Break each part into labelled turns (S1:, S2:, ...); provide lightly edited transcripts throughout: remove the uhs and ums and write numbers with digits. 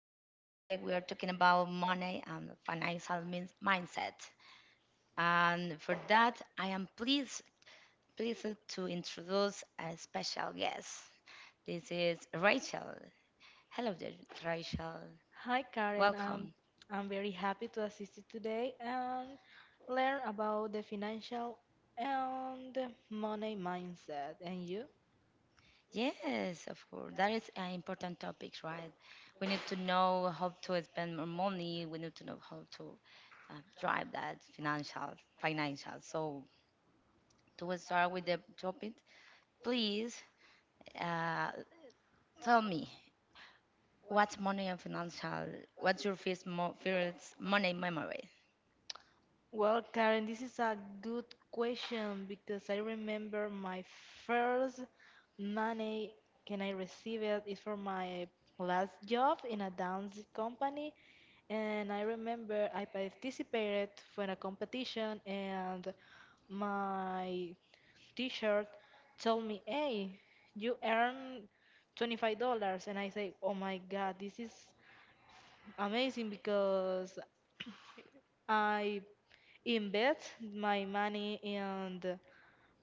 S1: and today we are talking about money and financial mindset. And for that, I am pleased to introduce a special guest. This is Rachel. Hello there, Rachel.
S2: Hi Karen, I'm,
S1: Welcome.
S2: I'm very happy to assist you today and learn about the financial and money mindset. And you?
S1: Yes, of course. That is an important topic, right? We need to know how to spend more money. We need to know how to uh, drive that financial. So to start with the topic, please uh, tell me, what's money and financial? What's your first money memory?
S2: Well, Karen, this is a good question because I remember my first money can I receive it is from my last job in a dance company, and I remember I participated for a competition and my t-shirt told me, "Hey, you earn $25." And I say, "Oh my God, this is amazing because I invest my money in the,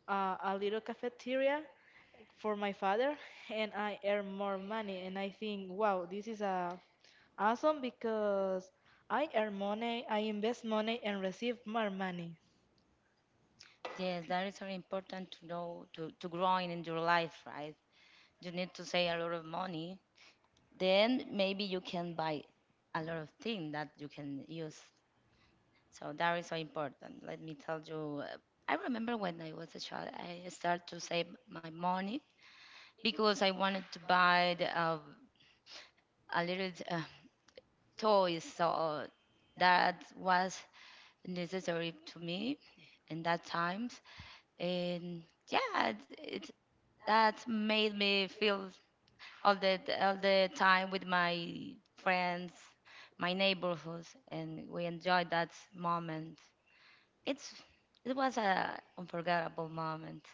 S2: uh, a little cafeteria for my father and I earn more money." And I think, "Wow, this is awesome because I earn money, I invest money and receive more money."
S1: Yes, that is very important to know, to growing in your life, right? You need to save a lot of money. Then maybe you can buy a lot of things that you can use. So that is so important. Let me tell you. I remember when I was a child, I started to save my money because I wanted to buy a little toys. So that was necessary to me in that times. And yeah, it that made me feel all the all the time with my friends, my neighborhoods, and we enjoyed that moment. It's it was a unforgettable moment.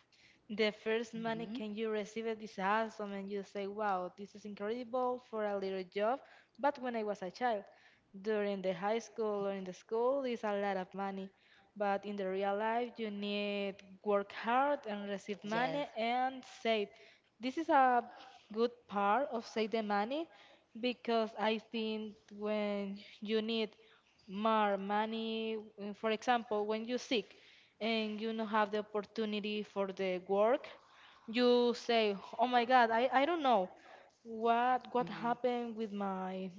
S2: The first money
S1: hmm
S2: can you receive it is awesome, and you say, "Wow, this is incredible for a little job." But when I was a child, during the high school or in the school, is a lot of money. But in the real life, you need work hard and receive
S1: Yes.
S2: money and save. This is a good part of save the money because I think when you need more money, for example, when you're sick and you don't have the opportunity for the work, you say, "Oh my God, I don't know what
S1: Mm-hmm.
S2: happened with my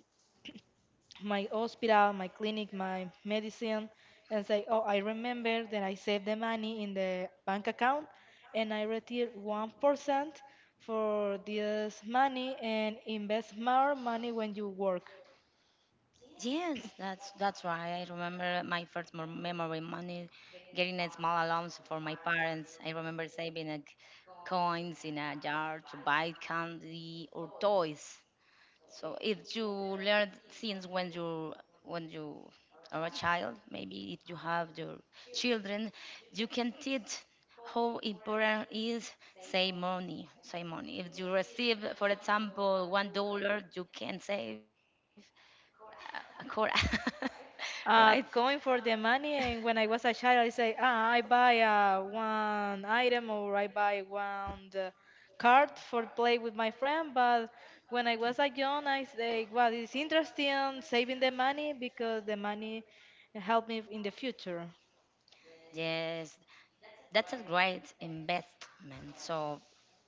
S2: my hospital, my clinic, my medicine," and say, "Oh, I remember that I saved the money in the bank account, and I retired 1% for this money and invest more money when you work."
S1: Yes, that's right. I remember my first memory money, getting a small allowance for my parents. I remember saving like coins in a jar to buy candy or toys. So if you learn things when you are a child, maybe if you have your children, you can teach how important is save money. Save money. If you receive, for example, $1, you can save Cora, right?
S2: Going for the money, and when I was a child, I say, I buy one item or I buy one card for play with my friend. But when I was a young, I say, well, it's interesting saving the money because the money help me in the future.
S1: Yes, that's a great investment. So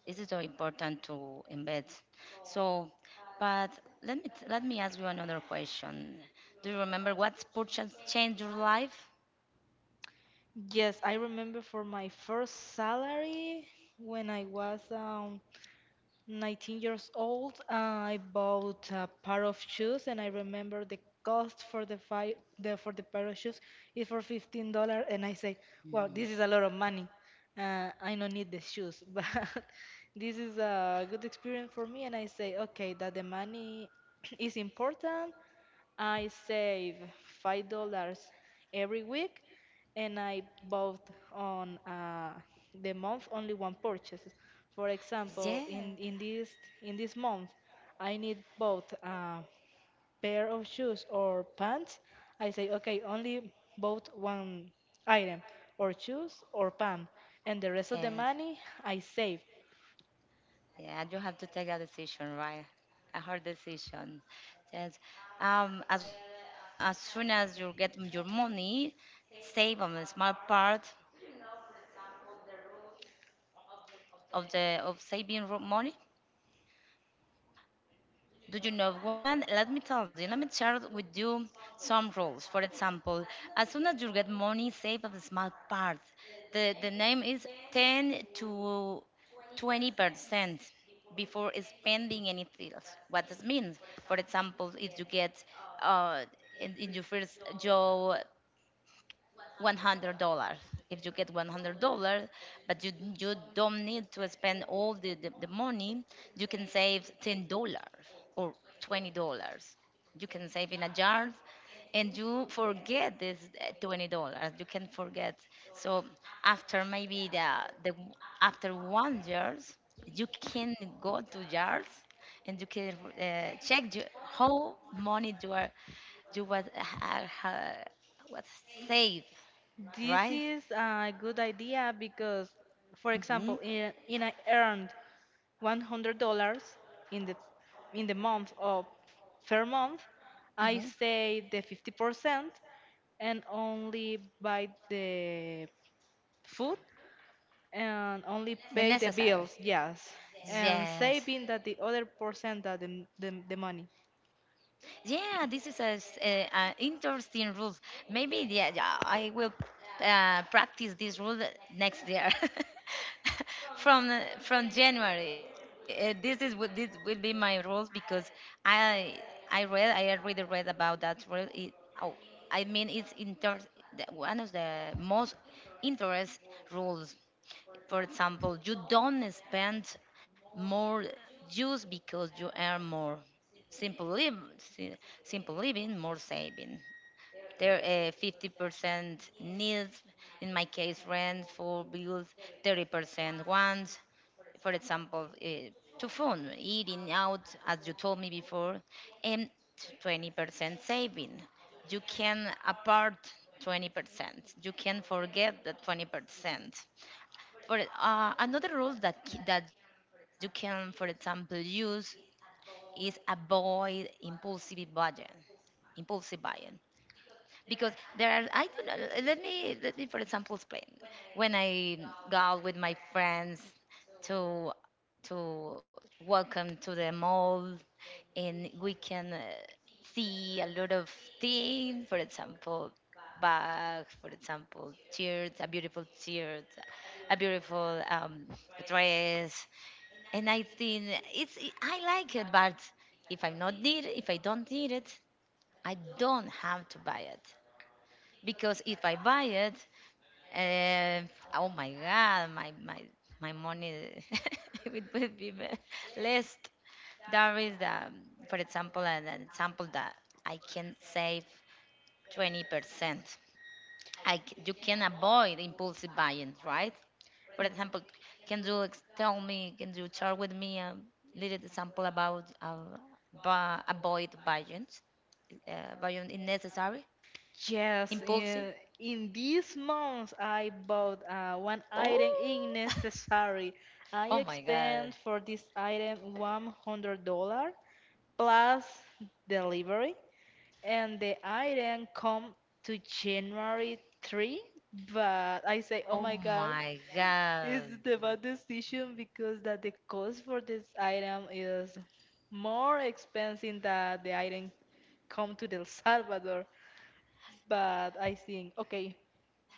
S1: it is so important to invest. So, but let me ask you another question. Do you remember what purchase changed your life?
S2: Yes, I remember for my first salary when I was 19 years old, I bought a pair of shoes, and I remember the cost for the, the for the pair of shoes is for $15, and I say, "Wow,
S1: Mhm.
S2: this is a lot of money. I don't need the shoes, but this is a good experience for me." And I say, "Okay, that the money is important, I save $5 every week, and I bought on the month only one purchase. For example,
S1: Yeah.
S2: in this month, I need both a pair of shoes or pants. I say okay, only bought one item, or shoes or pants, and the rest of the
S1: Yes.
S2: money I save.
S1: Yeah, you have to take a decision, right? A hard decision. Yes. As well, as soon as you get your money, save on a small part. Do you know, for example, the rules of saving money? Do you know one? Let me tell you, let me share with you some rules. For example, as soon as you get money, save a small part. The name is 10 to 20% before spending anything else. What this means, for example, if you get uh, in your first job $100. If you get $100, but you don't need to spend all the money, you can save $10 or $20. You can save in a jar, and you forget this $20. You can forget. So after maybe the after one years, you can go to jars and you can check you, how money you are you uh, uh, was saved,
S2: This
S1: right?
S2: is a good idea because, for
S1: hmm
S2: example, in I earned $100 in the in the month of fair month, I
S1: hmm
S2: say the 50% and only buy the food and only
S1: The
S2: pay the
S1: necessary.
S2: bills. Yes, and
S1: Yes.
S2: saving that the other percent that the money.
S1: Yeah, this is a interesting rules. Maybe yeah, yeah, I will practice this rule next year. From January. This is what this will be my rules, because I I already read about that rule. Oh, I mean one of the most interest rules. For example, you don't spend more just because you earn more. Simple live, simple living, more saving. 50% needs, in my case, rent, for bills, 30% wants, for example, to food, eating out, as you told me before, and 20% saving. You can apart 20%. You can forget the 20%. For another rule that you can, for example, use is avoid impulsive buying. Impulsive buying, because there are, I don't know, let me for example explain. When I go out with my friends to to welcome to the mall and we can see a lot of things, for example bags, for example shirts, a beautiful shirt, a beautiful dress, and I think it's I like it. But if I don't need it, I don't have to buy it. Because if I buy it, uh, oh my God, my money it will be less. There is, for example, an example that I can save 20%. You can avoid impulsive buying, right? For example, can you tell me? Can you share with me a little example about avoid buying? Buying unnecessary,
S2: Yes,
S1: impulsive.
S2: in this month I bought one item
S1: Oh.
S2: unnecessary,
S1: Oh
S2: I
S1: my God.
S2: spent for this item $100 plus delivery and the item come to January 3, but I say, oh
S1: Oh
S2: my god,
S1: my
S2: it's
S1: God.
S2: the bad decision because that the cost for this item is more expensive than the item come to El Salvador. But I think, okay,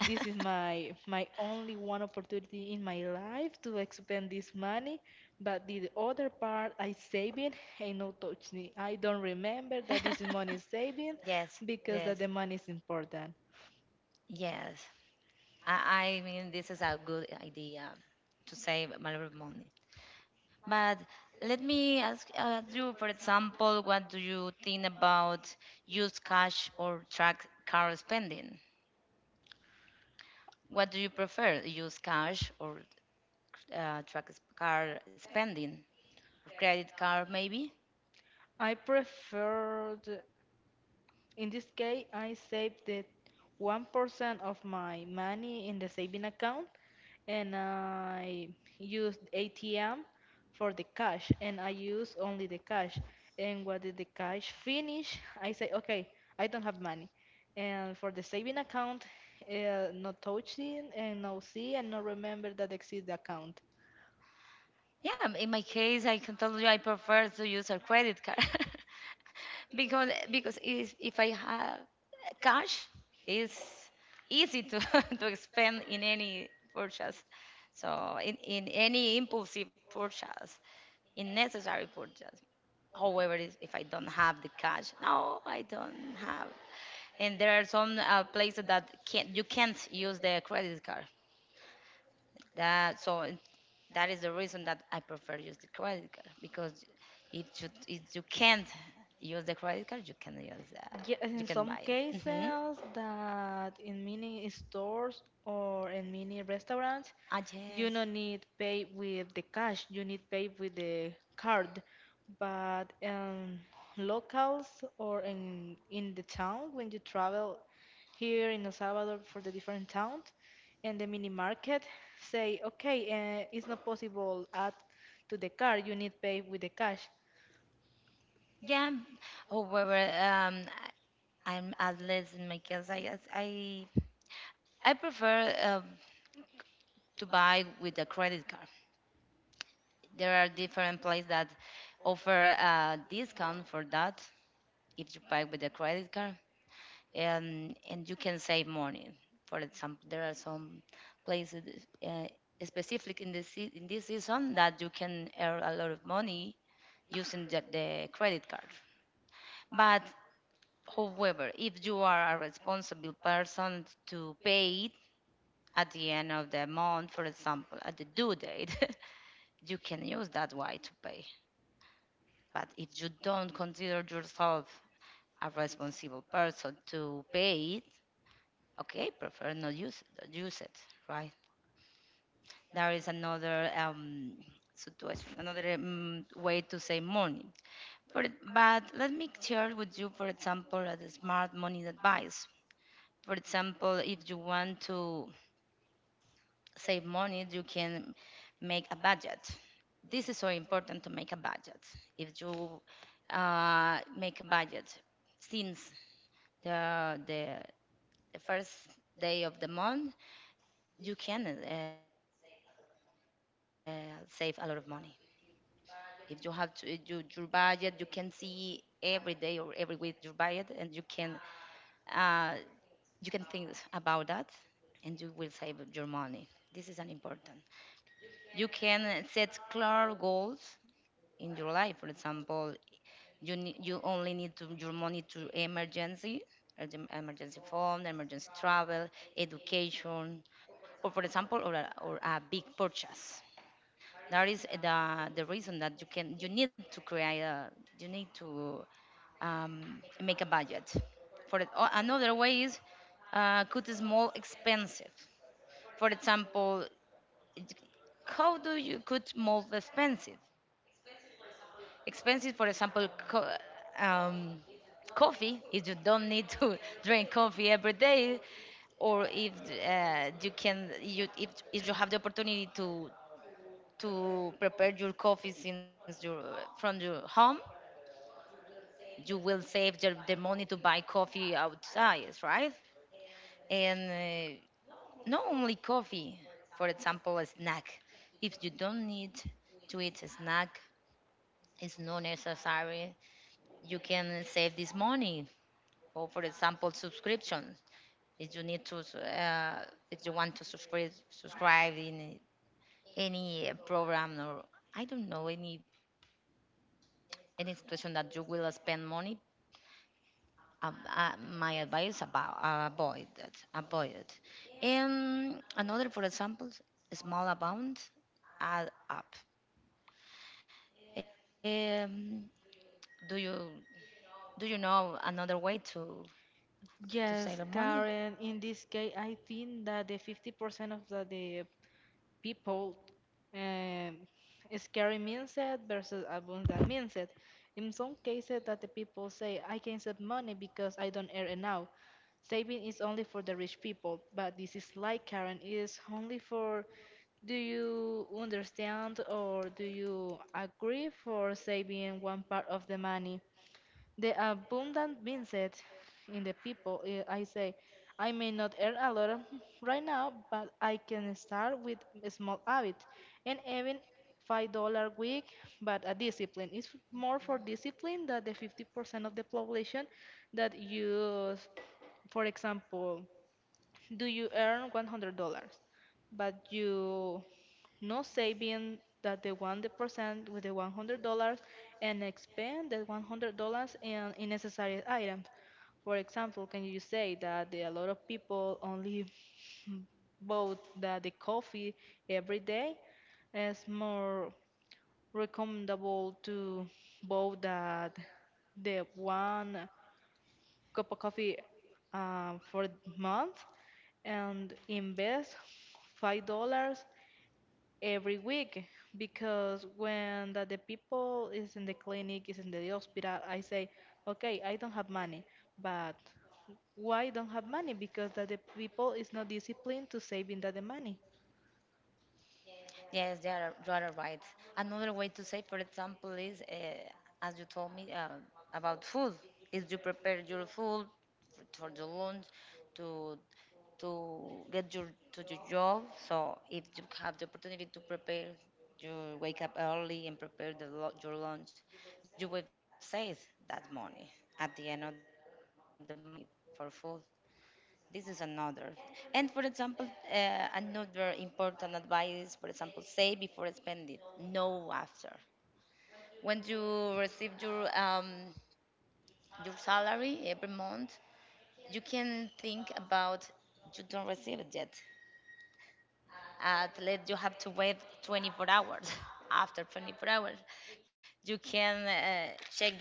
S2: this is my only one opportunity in my life to expend this money, but the other part I saving and no touch it. I don't remember that this is money saving
S1: Yes,
S2: because
S1: yes,
S2: that the money is important.
S1: yes. I mean, this is a good idea to save a lot of money. But let me ask you, for example, what do you think about use cash or track car spending? What do you prefer, use cash or track car spending? Credit card, maybe?
S2: I prefer in this case I save the 1% of my money in the saving account and I used ATM for the cash and I used only the cash. And what did the cash finish? I say, okay, I don't have money. And for the saving account, no touching and no see and no remember that exists the account.
S1: Yeah, in my case, I can tell you I prefer to use a credit card because if I have cash, it's easy to to expend in any purchase, so in any impulsive purchase, in necessary purchase. However, if I don't have the cash, no, I don't have. And there are some places that can't you can't use the credit card. That so that is the reason that I prefer use the credit card, because if you can't use the credit card,
S2: Yes,
S1: you
S2: in
S1: can
S2: some
S1: buy it. Hmm.
S2: cases that in many stores or in many restaurants,
S1: Ah
S2: you
S1: yes,
S2: don't need pay with the cash, you need pay with the card. But locals or in the town when you travel here in El Salvador for the different towns and the mini market say, okay, it's not possible add to the card, you need pay with the cash.
S1: yeah. However, I'm at least in my case, I guess I prefer to buy with a credit card. There are different places that offer a discount for that if you buy with a credit card. And you can say morning. For example, there are some places uh, specific in this season that you can earn a lot of money using the credit card. But however, if you are a responsible person to pay it at the end of the month, for example, at the due date, you can use that way to pay. But if you don't consider yourself a responsible person to pay it, okay, prefer not use it, right? There is another situation, another way to save money. For, but let me share with you, for example, a smart money advice. For example, if you want to save money, you can make a budget. This is so important to make a budget. If you make a budget since the, the, the first day of the month, you can save a lot of money. If you have to, your budget, you can see every day or every week your budget, and uh, you can think about that, and you will save your money. This is an important. You can set clear goals in your life. For example, you only need to your money to emergency, emergency fund, emergency travel, education, or for example, or a big purchase. That is the reason that you need to create a you need to make a budget for it. Or another way is cut small expensive. For example, it- how do you cut small expensive? Expensive, for example, um, coffee. If you don't need to drink coffee every day, or if you can, you if you have the opportunity to prepare your coffee since you from your home, you will save the money to buy coffee outside, right? And uh, not only coffee, for example a snack. If you don't need to eat a snack, it's not necessary. You can save this money. Or for example subscription. if you need to uh, if you want to subscribe in any program, or I don't know, any situation that you will spend money, my advice about avoid it, avoid it. And another, for example, small amount add up. Um, do you do you know another way to save your
S2: Yes,
S1: money?
S2: Karen, in this case, I think that the 50% of the people um, is scary mindset versus abundant mindset. In some cases that the people say, I can save money because I don't earn enough. Saving is only for the rich people, but this is like Karen, it is only for, do you understand or do you agree for saving one part of the money? The abundant mindset in the people, I say, I may not earn a lot of- right now, but I can start with a small habit and even $5 week, but a discipline. It's more for discipline than the 50% of the population that use, for example, do you earn $100? But you no saving that the 1% with the $100 and expend the $100 in unnecessary items. For example, can you say that a lot of people only vote that the coffee every day is more recommendable to buy that the one cup of coffee for month and invest $5 every week because when the people is in the clinic, is in the hospital, I say okay I don't have money. But why don't have money? Because that the people is not disciplined to saving that the money.
S1: Yes, they are, you are right. Another way to save, for example, is as you told me about food. Is you prepare your food for your lunch, to to get your to your job. So if you have the opportunity to prepare, you wake up early and prepare your lunch, you will save that money. At the end of the month, you will save a lot of money for food. This is another. And for example, another important advice, for example, save before spending, no after. When you receive your salary every month, you can think about you don't receive it yet. At least you have to wait 24 hours. After 24 hours, you can check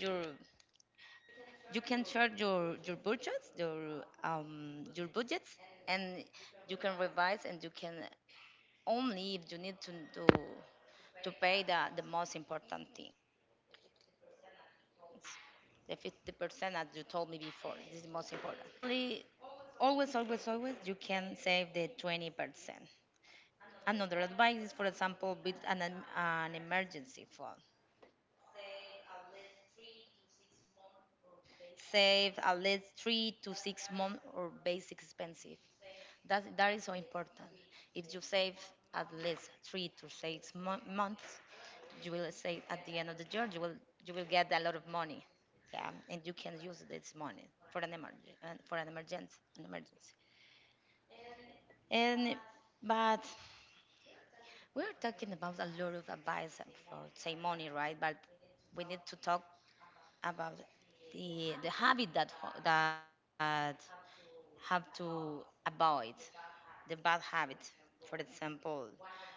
S1: you can check your budgets, your budgets, and you can revise and you can only if you need to pay the most important things. The 50% that you told me before, this is most important. And it only always, always, always, you can save the 20%. Another advice is, for example, build an emergency fund. Save at least 3 to 6 months or basic expenses. That is so important. If you save at least three to six months, you will save at the end of the year, you will get a lot of money. Yeah, and you can use this money for an emergency, for an emergency, an emergency. And but we're talking about a lot of advice for say money, right? But we need to talk about the habit that that have to avoid the bad habit. For example,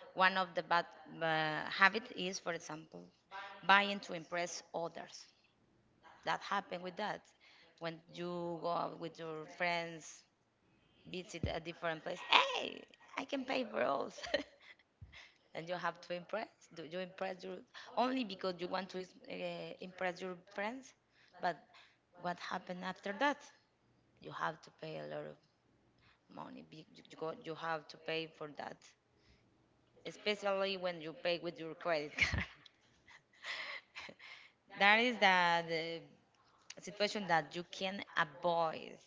S1: one of the bad habit is, for example, buying to impress others. That happen with that when you go out with your friends, visit a different place. Hey, I can pay for all. And you have to impress do you impress your only because you want to impress your friends, but what happened after that? You have to pay a lot of money you go, you have to pay for that, especially when you pay with your credit card. That is the situation that you can avoid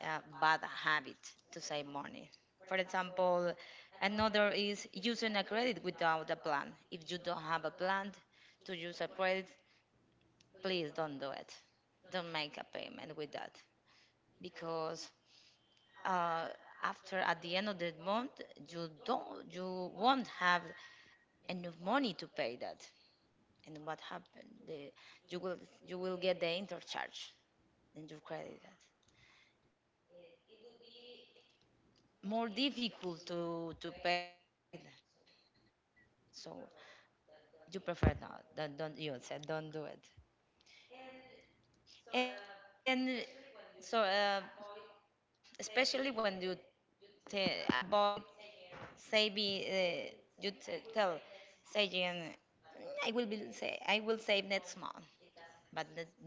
S1: a bad habit to save money. For example, another is using a credit without a plan. If you don't have a plan to use a credit, please don't do it. Don't make a payment with that, because uh, after at the end of the month you won't have enough money to pay that. And what happened? You will you will get the intercharge in your credit card. It will be more difficult to pay that. So you prefer not. Don't you said don't do it. And so especially when you ta avoid say be tell saying I will be say I will save next month, but the next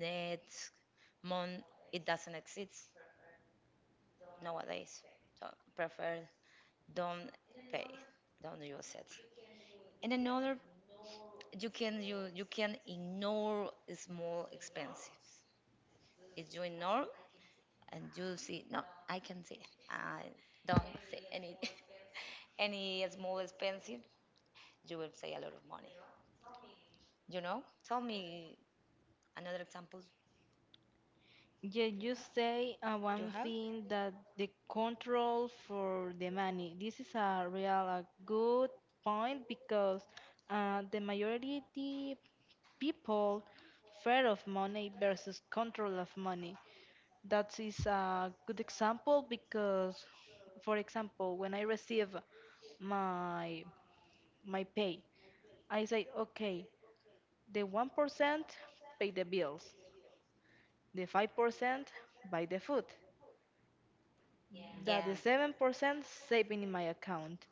S1: month it doesn't exist nowadays. So prefer don't pay, don't use it. And another you can you can ignore small expenses. If you ignore and you see no, I can see I don't see any any small expensive, you will save a lot of money. You know, tell me another example
S2: Yeah, you say one
S1: you have.
S2: thing that the control for the money. This is a real a good point because the majority people fear of money versus control of money. That is a good example because, for example, when I receive my my pay, I say, okay, the 1% pay the bills, the 5% buy the food, that the
S1: Yeah,
S2: 7% saving in my account.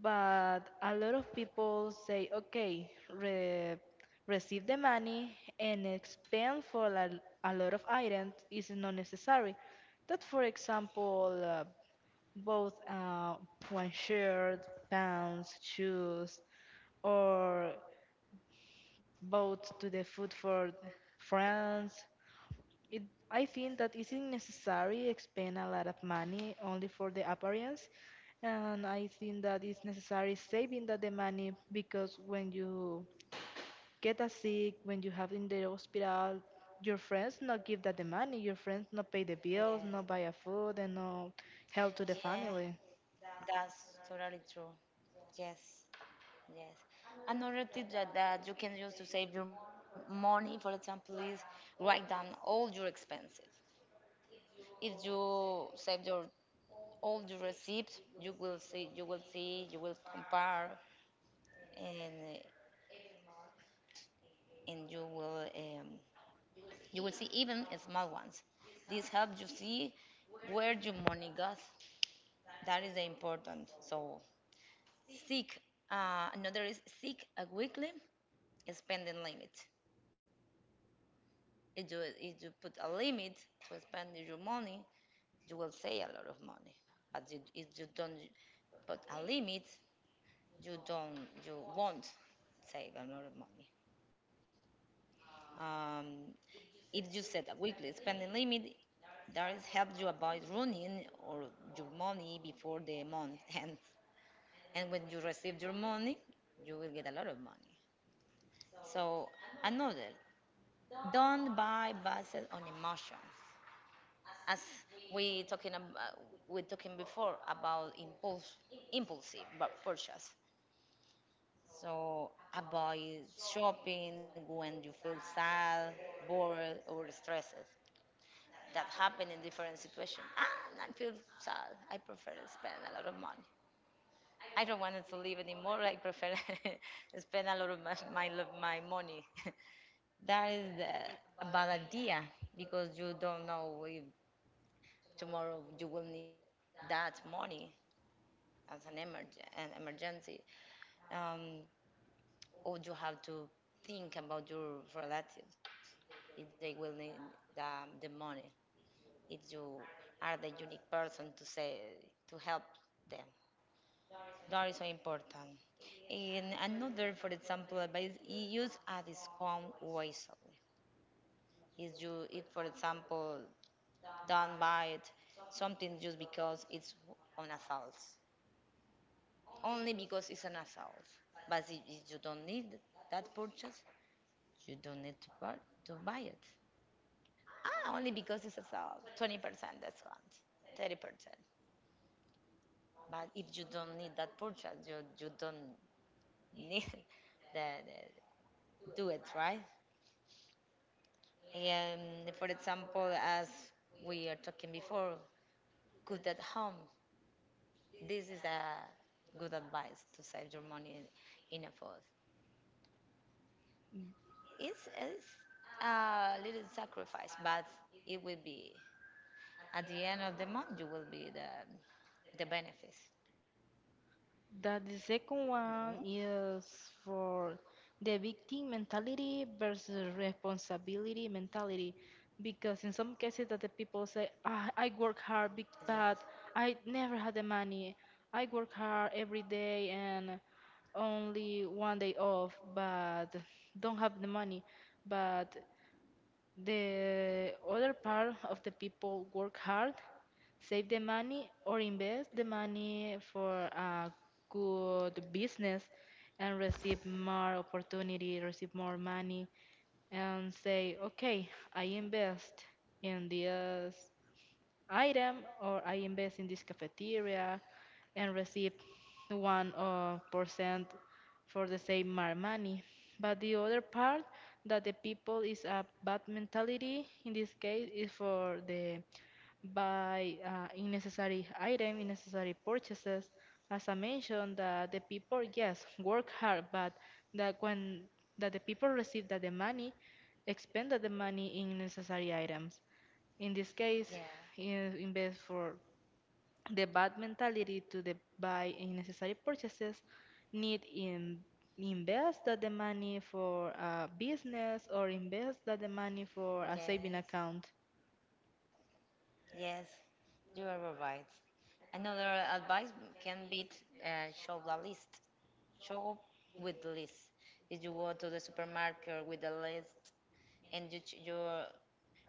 S2: But a lot of people say, okay, receive the money and expend for a lot of items is not necessary. That, for example, both one shirt, pants, shoes, or both to the food for friends. It, I think that isn't necessary expend a lot of money only for the appearance, and I think that it's necessary saving that the money because when you get a sick, when you have in the hospital, your friends not give that the money, your friends not pay the bills,
S1: yes,
S2: not buy a food, and no help to the
S1: yeah,
S2: family.
S1: that's totally true. Yes, yes. Another tip that you can use to save your money, for example, is write down all your expenses. If you save your all your receipts, you will see, you will see, you will compare and every month, and you will you will see even small ones. This helps you see where your money goes. That is important. So seek another is seek a weekly spending limit. If you put a limit to spend your money, you will save a lot of money. But you, if you don't put a limit, you won't save a lot of money. Um, if you set a weekly spending limit, that helps you avoid running or your money before the month ends. And when you receive your money, you will get a lot of money. So another, don't buy based on emotions. As we talking about, we talking before about impulse, purchase. So avoid shopping when you feel sad, bored, or stressed. That happen in different situations. Ah, I feel sad. I prefer to spend a lot of money. I don't want to live anymore. I prefer spend a lot of my money. That is a bad idea because you don't know if tomorrow you will need that money as an, emerg- an emergency, um, or you have to think about your relatives if they will need the, the money. If you are the unique person to say to help them. That is so important. And another, for example, but you use a discount wisely. Is you, if for example, don't buy it something just because it's on a sales, only because it's on a sales. But if you don't need that purchase, you don't need to buy it. Ah, only because it's a sale, 20% discount, 30%. But if you don't need that purchase, you don't need the, the do it right. And for example, as we are talking before, good at home. This is a good advice to save your money in a food. It's a little sacrifice, but it will be at the end of the month. You will be the benefits.
S2: That the second
S1: Hmm.
S2: one is for the victim mentality versus responsibility mentality. Because in some cases that the people say, ah, I work hard,
S1: Yes.
S2: but I never had the money. I work hard every day and only one day off, but don't have the money. But the other part of the people work hard, save the money, or invest the money for a good business and receive more opportunity, receive more money, and say, okay, I invest in this item or I invest in this cafeteria and receive 1% for the same money. But the other part that the people is a bad mentality in this case is for the buy unnecessary item, unnecessary purchases. As I mentioned, that the people yes work hard, but that when that the people receive that the money, expend that the money in necessary items. In this case,
S1: Yeah.
S2: invest for the bad mentality to the buy unnecessary purchases, need in invest that the money for a business or invest that the money for a saving
S1: Yes.
S2: account.
S1: Yes. You are right. Another advice can be show the list. Show up with the list. If you go to the supermarket with the list and you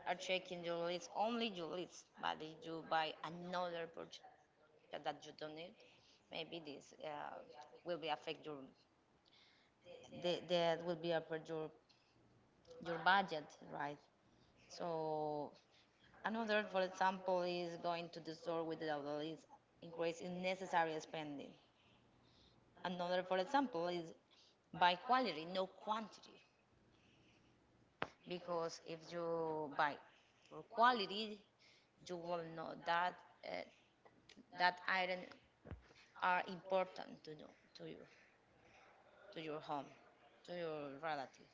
S1: are checking your list, only your list, but if you buy another purchase that you don't need, maybe this will be affect that will be affect your budget, right? So another, for example, is going to the store without the list, increase in necessary spending. Another, for example, is buy quality, no quantity. Because if you buy for quality, you will know that uh, that iron are important to know to you to your home to your relative.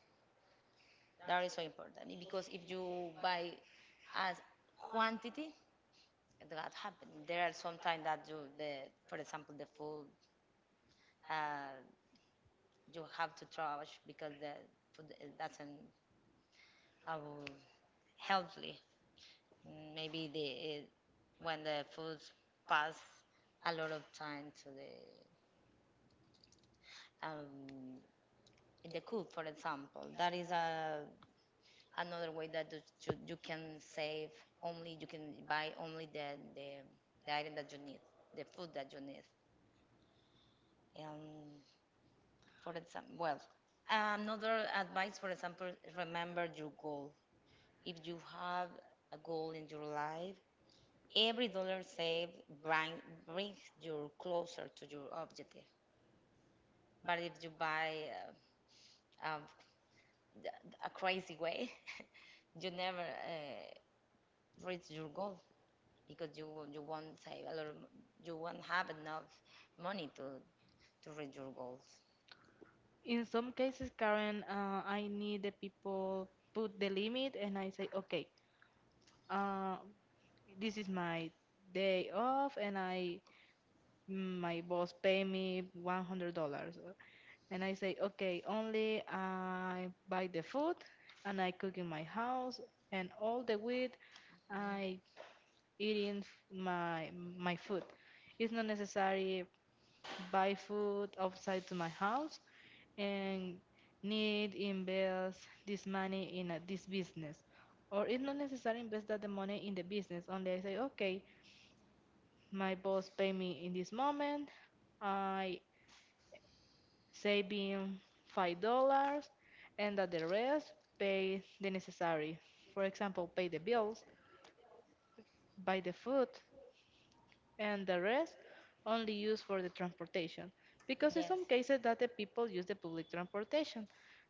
S1: That is so important because if you buy as quantity, that happen. There are sometimes that you the for example the food uh, you have to trash because the food doesn't uh, healthy. Mm, maybe the when the food pass a lot of time to um, the cook, for example, that is a another way that you can save only you can buy only the the item that you need, the food that you need. Um, for example, well, another advice, for example, remember your goal. If you have a goal in your life, every dollar saved brings you closer to your objective. But if you buy uh, um, th- a crazy way, you never reach your goal because you won't save a lot. You won't have enough money to reach your goals.
S2: In some cases, Karen, I need the people put the limit and I say, okay, uh, this is my day off and I my boss pay me $100 and I say okay only I buy the food and I cook in my house and all the week I eating my food. It's not necessary buy food outside to my house and need invest this money in this business or it's not necessary invest that the money in the business only. I say okay my boss pay me in this moment I saving $5 and that the rest pay the necessary. For example, pay the bills, buy the food, and the rest only use for the transportation. Because in
S1: Yes.
S2: some cases that the people use the public transportation.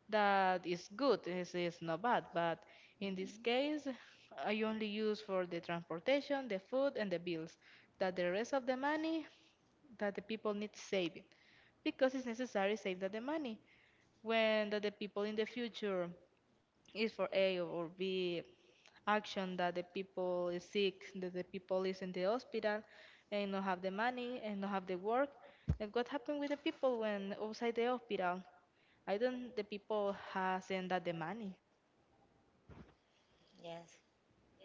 S2: That is good, is not bad, but in this
S1: Hmm.
S2: case, I only use for the transportation, the food, and the bills. That the rest of the money that the people need saving because it's necessary save that the money when that the people in the future is for A or B action that the people is sick, that the people is in the hospital and not have the money and not have the work. And what happened with the people when outside the hospital? I don't the people hasn't that the money.
S1: Yes.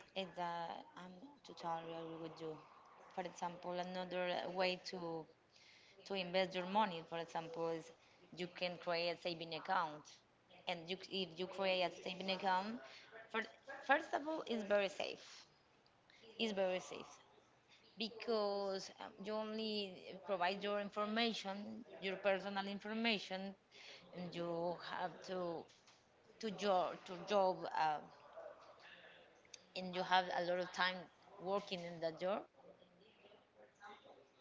S1: It's I'm totally agree with you. For example, another way to invest your money for example is you can create a saving account and you, if you create a saving account for, first of all it's very safe because you only provide your information your personal information and you have to job and you have a lot of time working in that job and in this job for example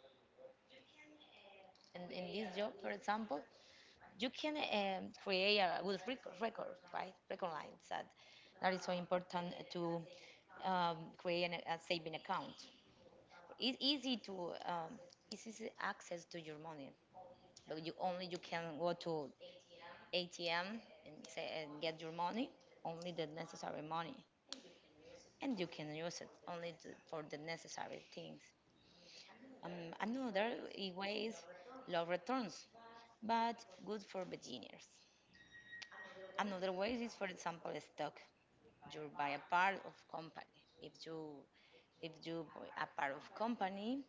S1: you can create a good record, right? Record lines that is so important to create a saving account. It's easy to it's easy access to your money, but you only you can go to ATM and say and get your money, only the necessary money, and you can use it only to, for the necessary things. Another way is low returns, but good for beginners. Another way is, for example, a stock. You buy a part of company. If you buy a part of company,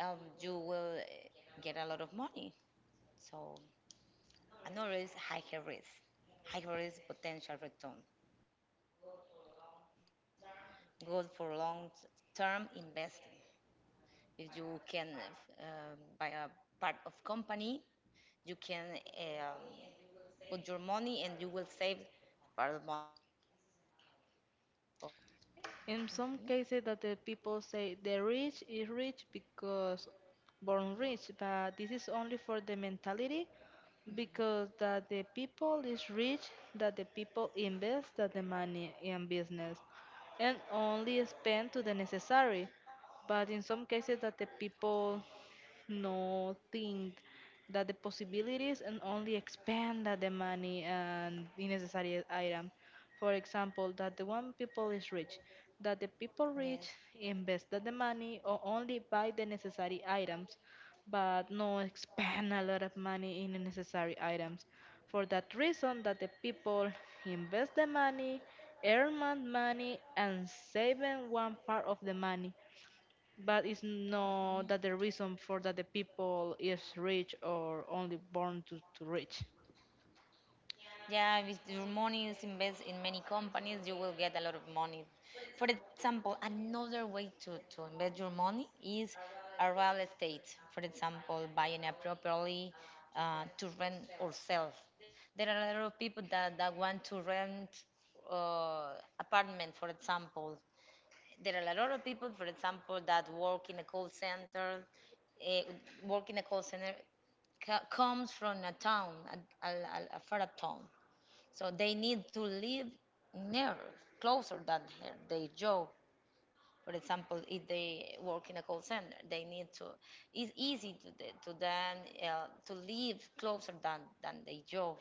S1: you will get a lot of money. So another is higher risk potential return. Good for long term investing. If you can buy a part of company, you can put your money and you will save part of money the, of the company. This is another way.
S2: In some
S1: Mhm.
S2: cases, that the people say the rich is rich because born rich, but this is only for the mentality because that the people is rich, that the people invest that the money in business and only spend to the necessary. But in some cases, that the people no think that the possibilities and only expand that the money and the necessary item. For example, that the one people is rich,
S1: Yes.
S2: that the people rich invest that the money or only buy the necessary items, but no expand a lot of money in the necessary items. For that reason, that the people invest the money, earn money, and saving one part of the money but it's not that the reason for that the people is rich or only born to rich.
S1: Yeah, with your money is invest in many companies, you will get a lot of money. For example, another way to invest your money is a real estate. For example, buying a property to rent or sell. There are a lot of people that want to rent uh, apartment, for example. There are a lot of people, for example, that work in a call center, work in a call center comes from a town, a far up town so they need to live near, closer than her, their job. For example, if they work in a call center, they need to. It's easy to, the, to them to live closer than their job.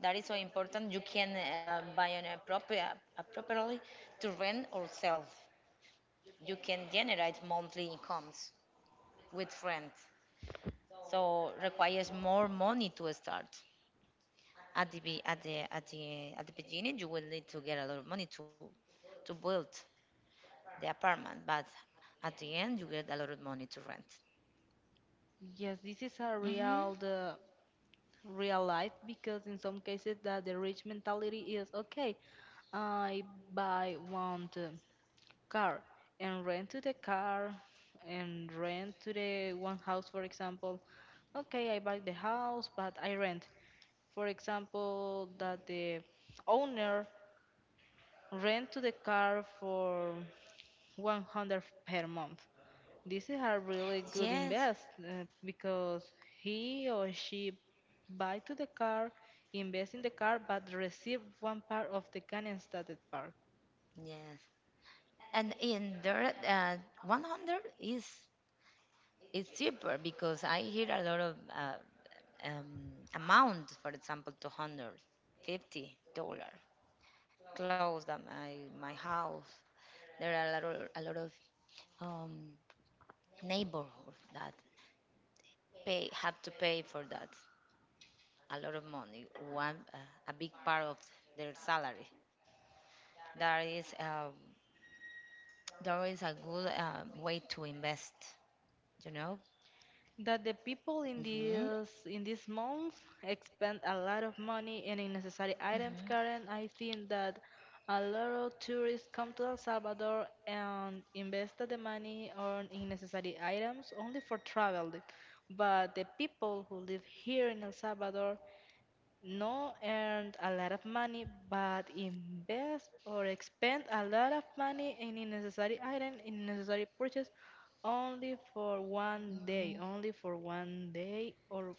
S1: That is so important. You can buy an appropriate properly to rent or sell. You can generate monthly incomes with rent. So requires more money to start. At the be at the at the at the beginning, you will need to get a lot of money to build the apartment, but at the end, you get a lot of money to rent.
S2: Yes, this is a
S1: Hmm.
S2: real the real life because in some cases that the rich mentality is okay, I buy one car and rent to the car and rent to the one house for example. Okay, I buy the house but I rent. For example, that the owner rent to the car for 100 per month. This is a really good
S1: Yes,
S2: invest because he or she buy to the car, invest in the car, but receive one part of the gun instead part.
S1: yes. And in there, 100 is cheaper because I hear a lot of amount, for example, $250 close that my house. There are a lot of um, neighborhood that pay have to pay for that. A lot of money, one a big part of their salary. That is um, that is a good way to invest. You know.
S2: That the people in
S1: Mhm.
S2: this month expend a lot of money in unnecessary items,
S1: Mhm.
S2: Karen. I think that a lot of tourists come to El Salvador and invest the money on unnecessary items only for travel. But the people who live here in El Salvador no earn a lot of money, but invest or expend a lot of money in unnecessary item, in unnecessary purchase, only for one day,
S1: Mhm.
S2: only for one day or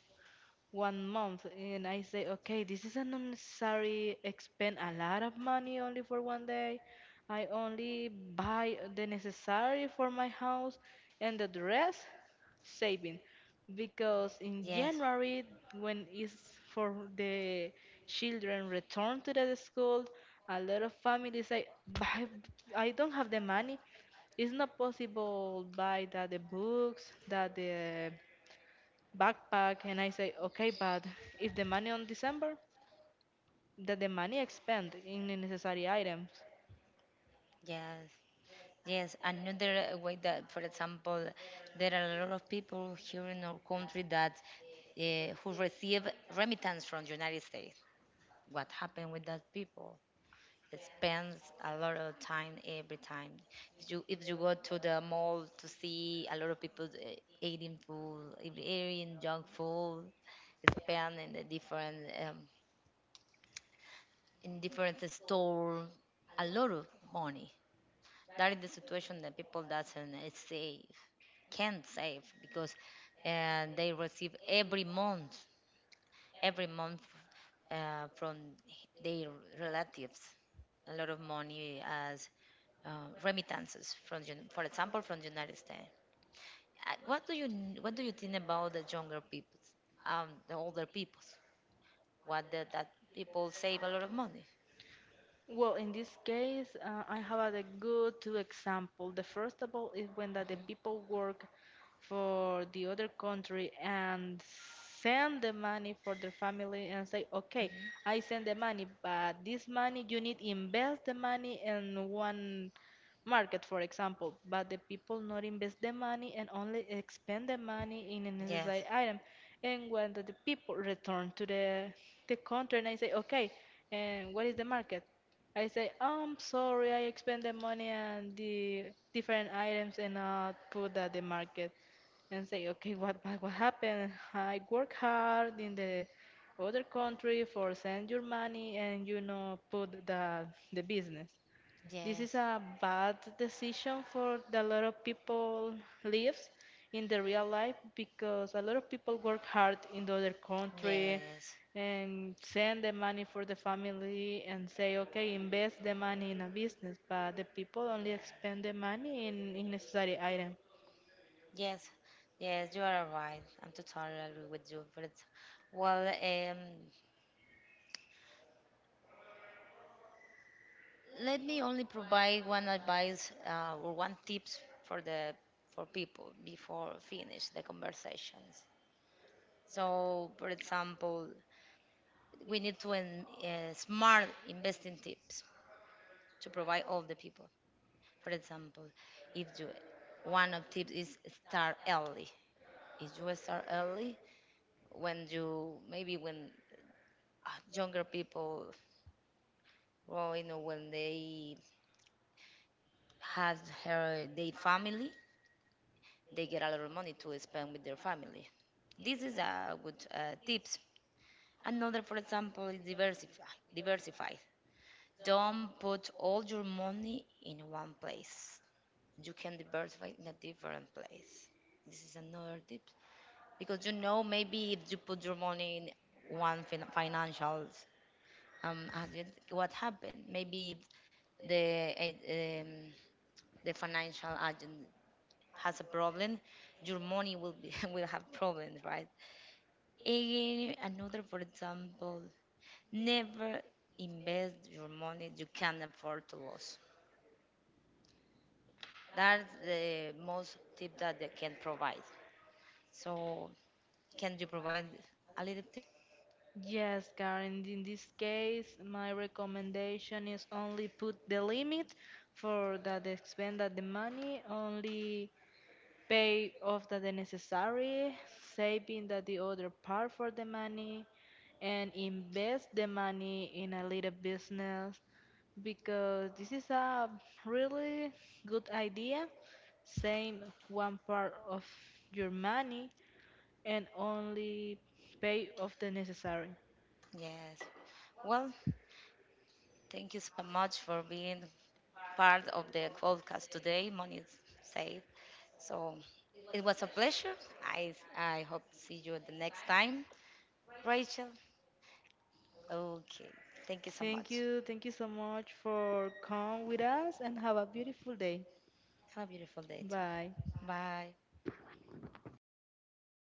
S2: one month and I say, okay, this is an unnecessary expend a lot of money only for one day. I only buy the necessary for my house and the rest saving because in
S1: Yes.
S2: January when is for the children return to the school a lot of families say buy. I don't have the money it's not possible buy that the books that the backpack and I say, okay, but if the money on December, that the money I spend in the necessary items.
S1: Yes. Yes. Another way that, for example, there are a lot of people here in our country that who receive remittance from the United States. What happened with that people? Spends a lot of time every time. If you go to the mall to see a lot of people eating food, eating junk food, spend in the different in different store a lot of money. That is the situation that people doesn't save, can't save because and they receive every month from their relatives a lot of money as remittances from, the for example, from the United States. What do you what do you think about the younger people, the older people? What the, that people save a lot of money?
S2: Well, in this case, I have a good two example. The first of all is when that the people work for the other country and send the money for their family and say, okay,
S1: Hmm.
S2: I send the money, but this money you need invest the money in one market, for example. But the people not invest the money and only expend the money in a
S1: Yes,
S2: necessary item. And when the people return to the country and I say, okay, and what is the market? I say, I'm sorry, I spent the money on the different items and not put at the market. And say, okay, what happened? I work hard in the other country for send your money and you know put the business. This is
S1: yes,
S2: a bad decision for the lot of people lives in the real life because a lot of people work hard in the other country
S1: yes,
S2: and send the money for the family and say okay invest the money in a business but the people only expend the money in, unnecessary necessary item.
S1: yes, yes. You are right. I'm totally agree with you. But it's, well, let me only provide one advice or one tips for the for people before finish the conversations. So, for example, we need to smart investing tips to provide all the people. For example, if you one of tips is start early. If you start early, when you maybe when younger people well, you know, when they have her their family, they get a lot of money to spend with their family. This is a good tips. Another, for example, is diversify. Diversify. Don't put all your money in one place. You can diversify in a different place. This is another tip because you know maybe if you put your money in one financials agent, what happened? Maybe if the the financial agent has a problem, your money will be will have problems, right? Again, another for example, never invest your money you can afford to lose. That's the most tip that they can provide. So can you provide a little tips?
S2: Yes, Karen, in this case, my recommendation is only put the limit for that they spend that the money only pay off the necessary, saving the other part for the money, and invest the money in a little business because this is a really good idea. Save one part of your money and only pay off the necessary.
S1: Yes. Well, thank you so much for being part of the podcast today, Money Safe. So it was a pleasure. I hope to see you the next time. Rachel, okay. Thank you so
S2: Thank
S1: much.
S2: you, thank you so much for come with us and have a beautiful day.
S1: Have a beautiful day too.
S2: Bye.
S1: Bye.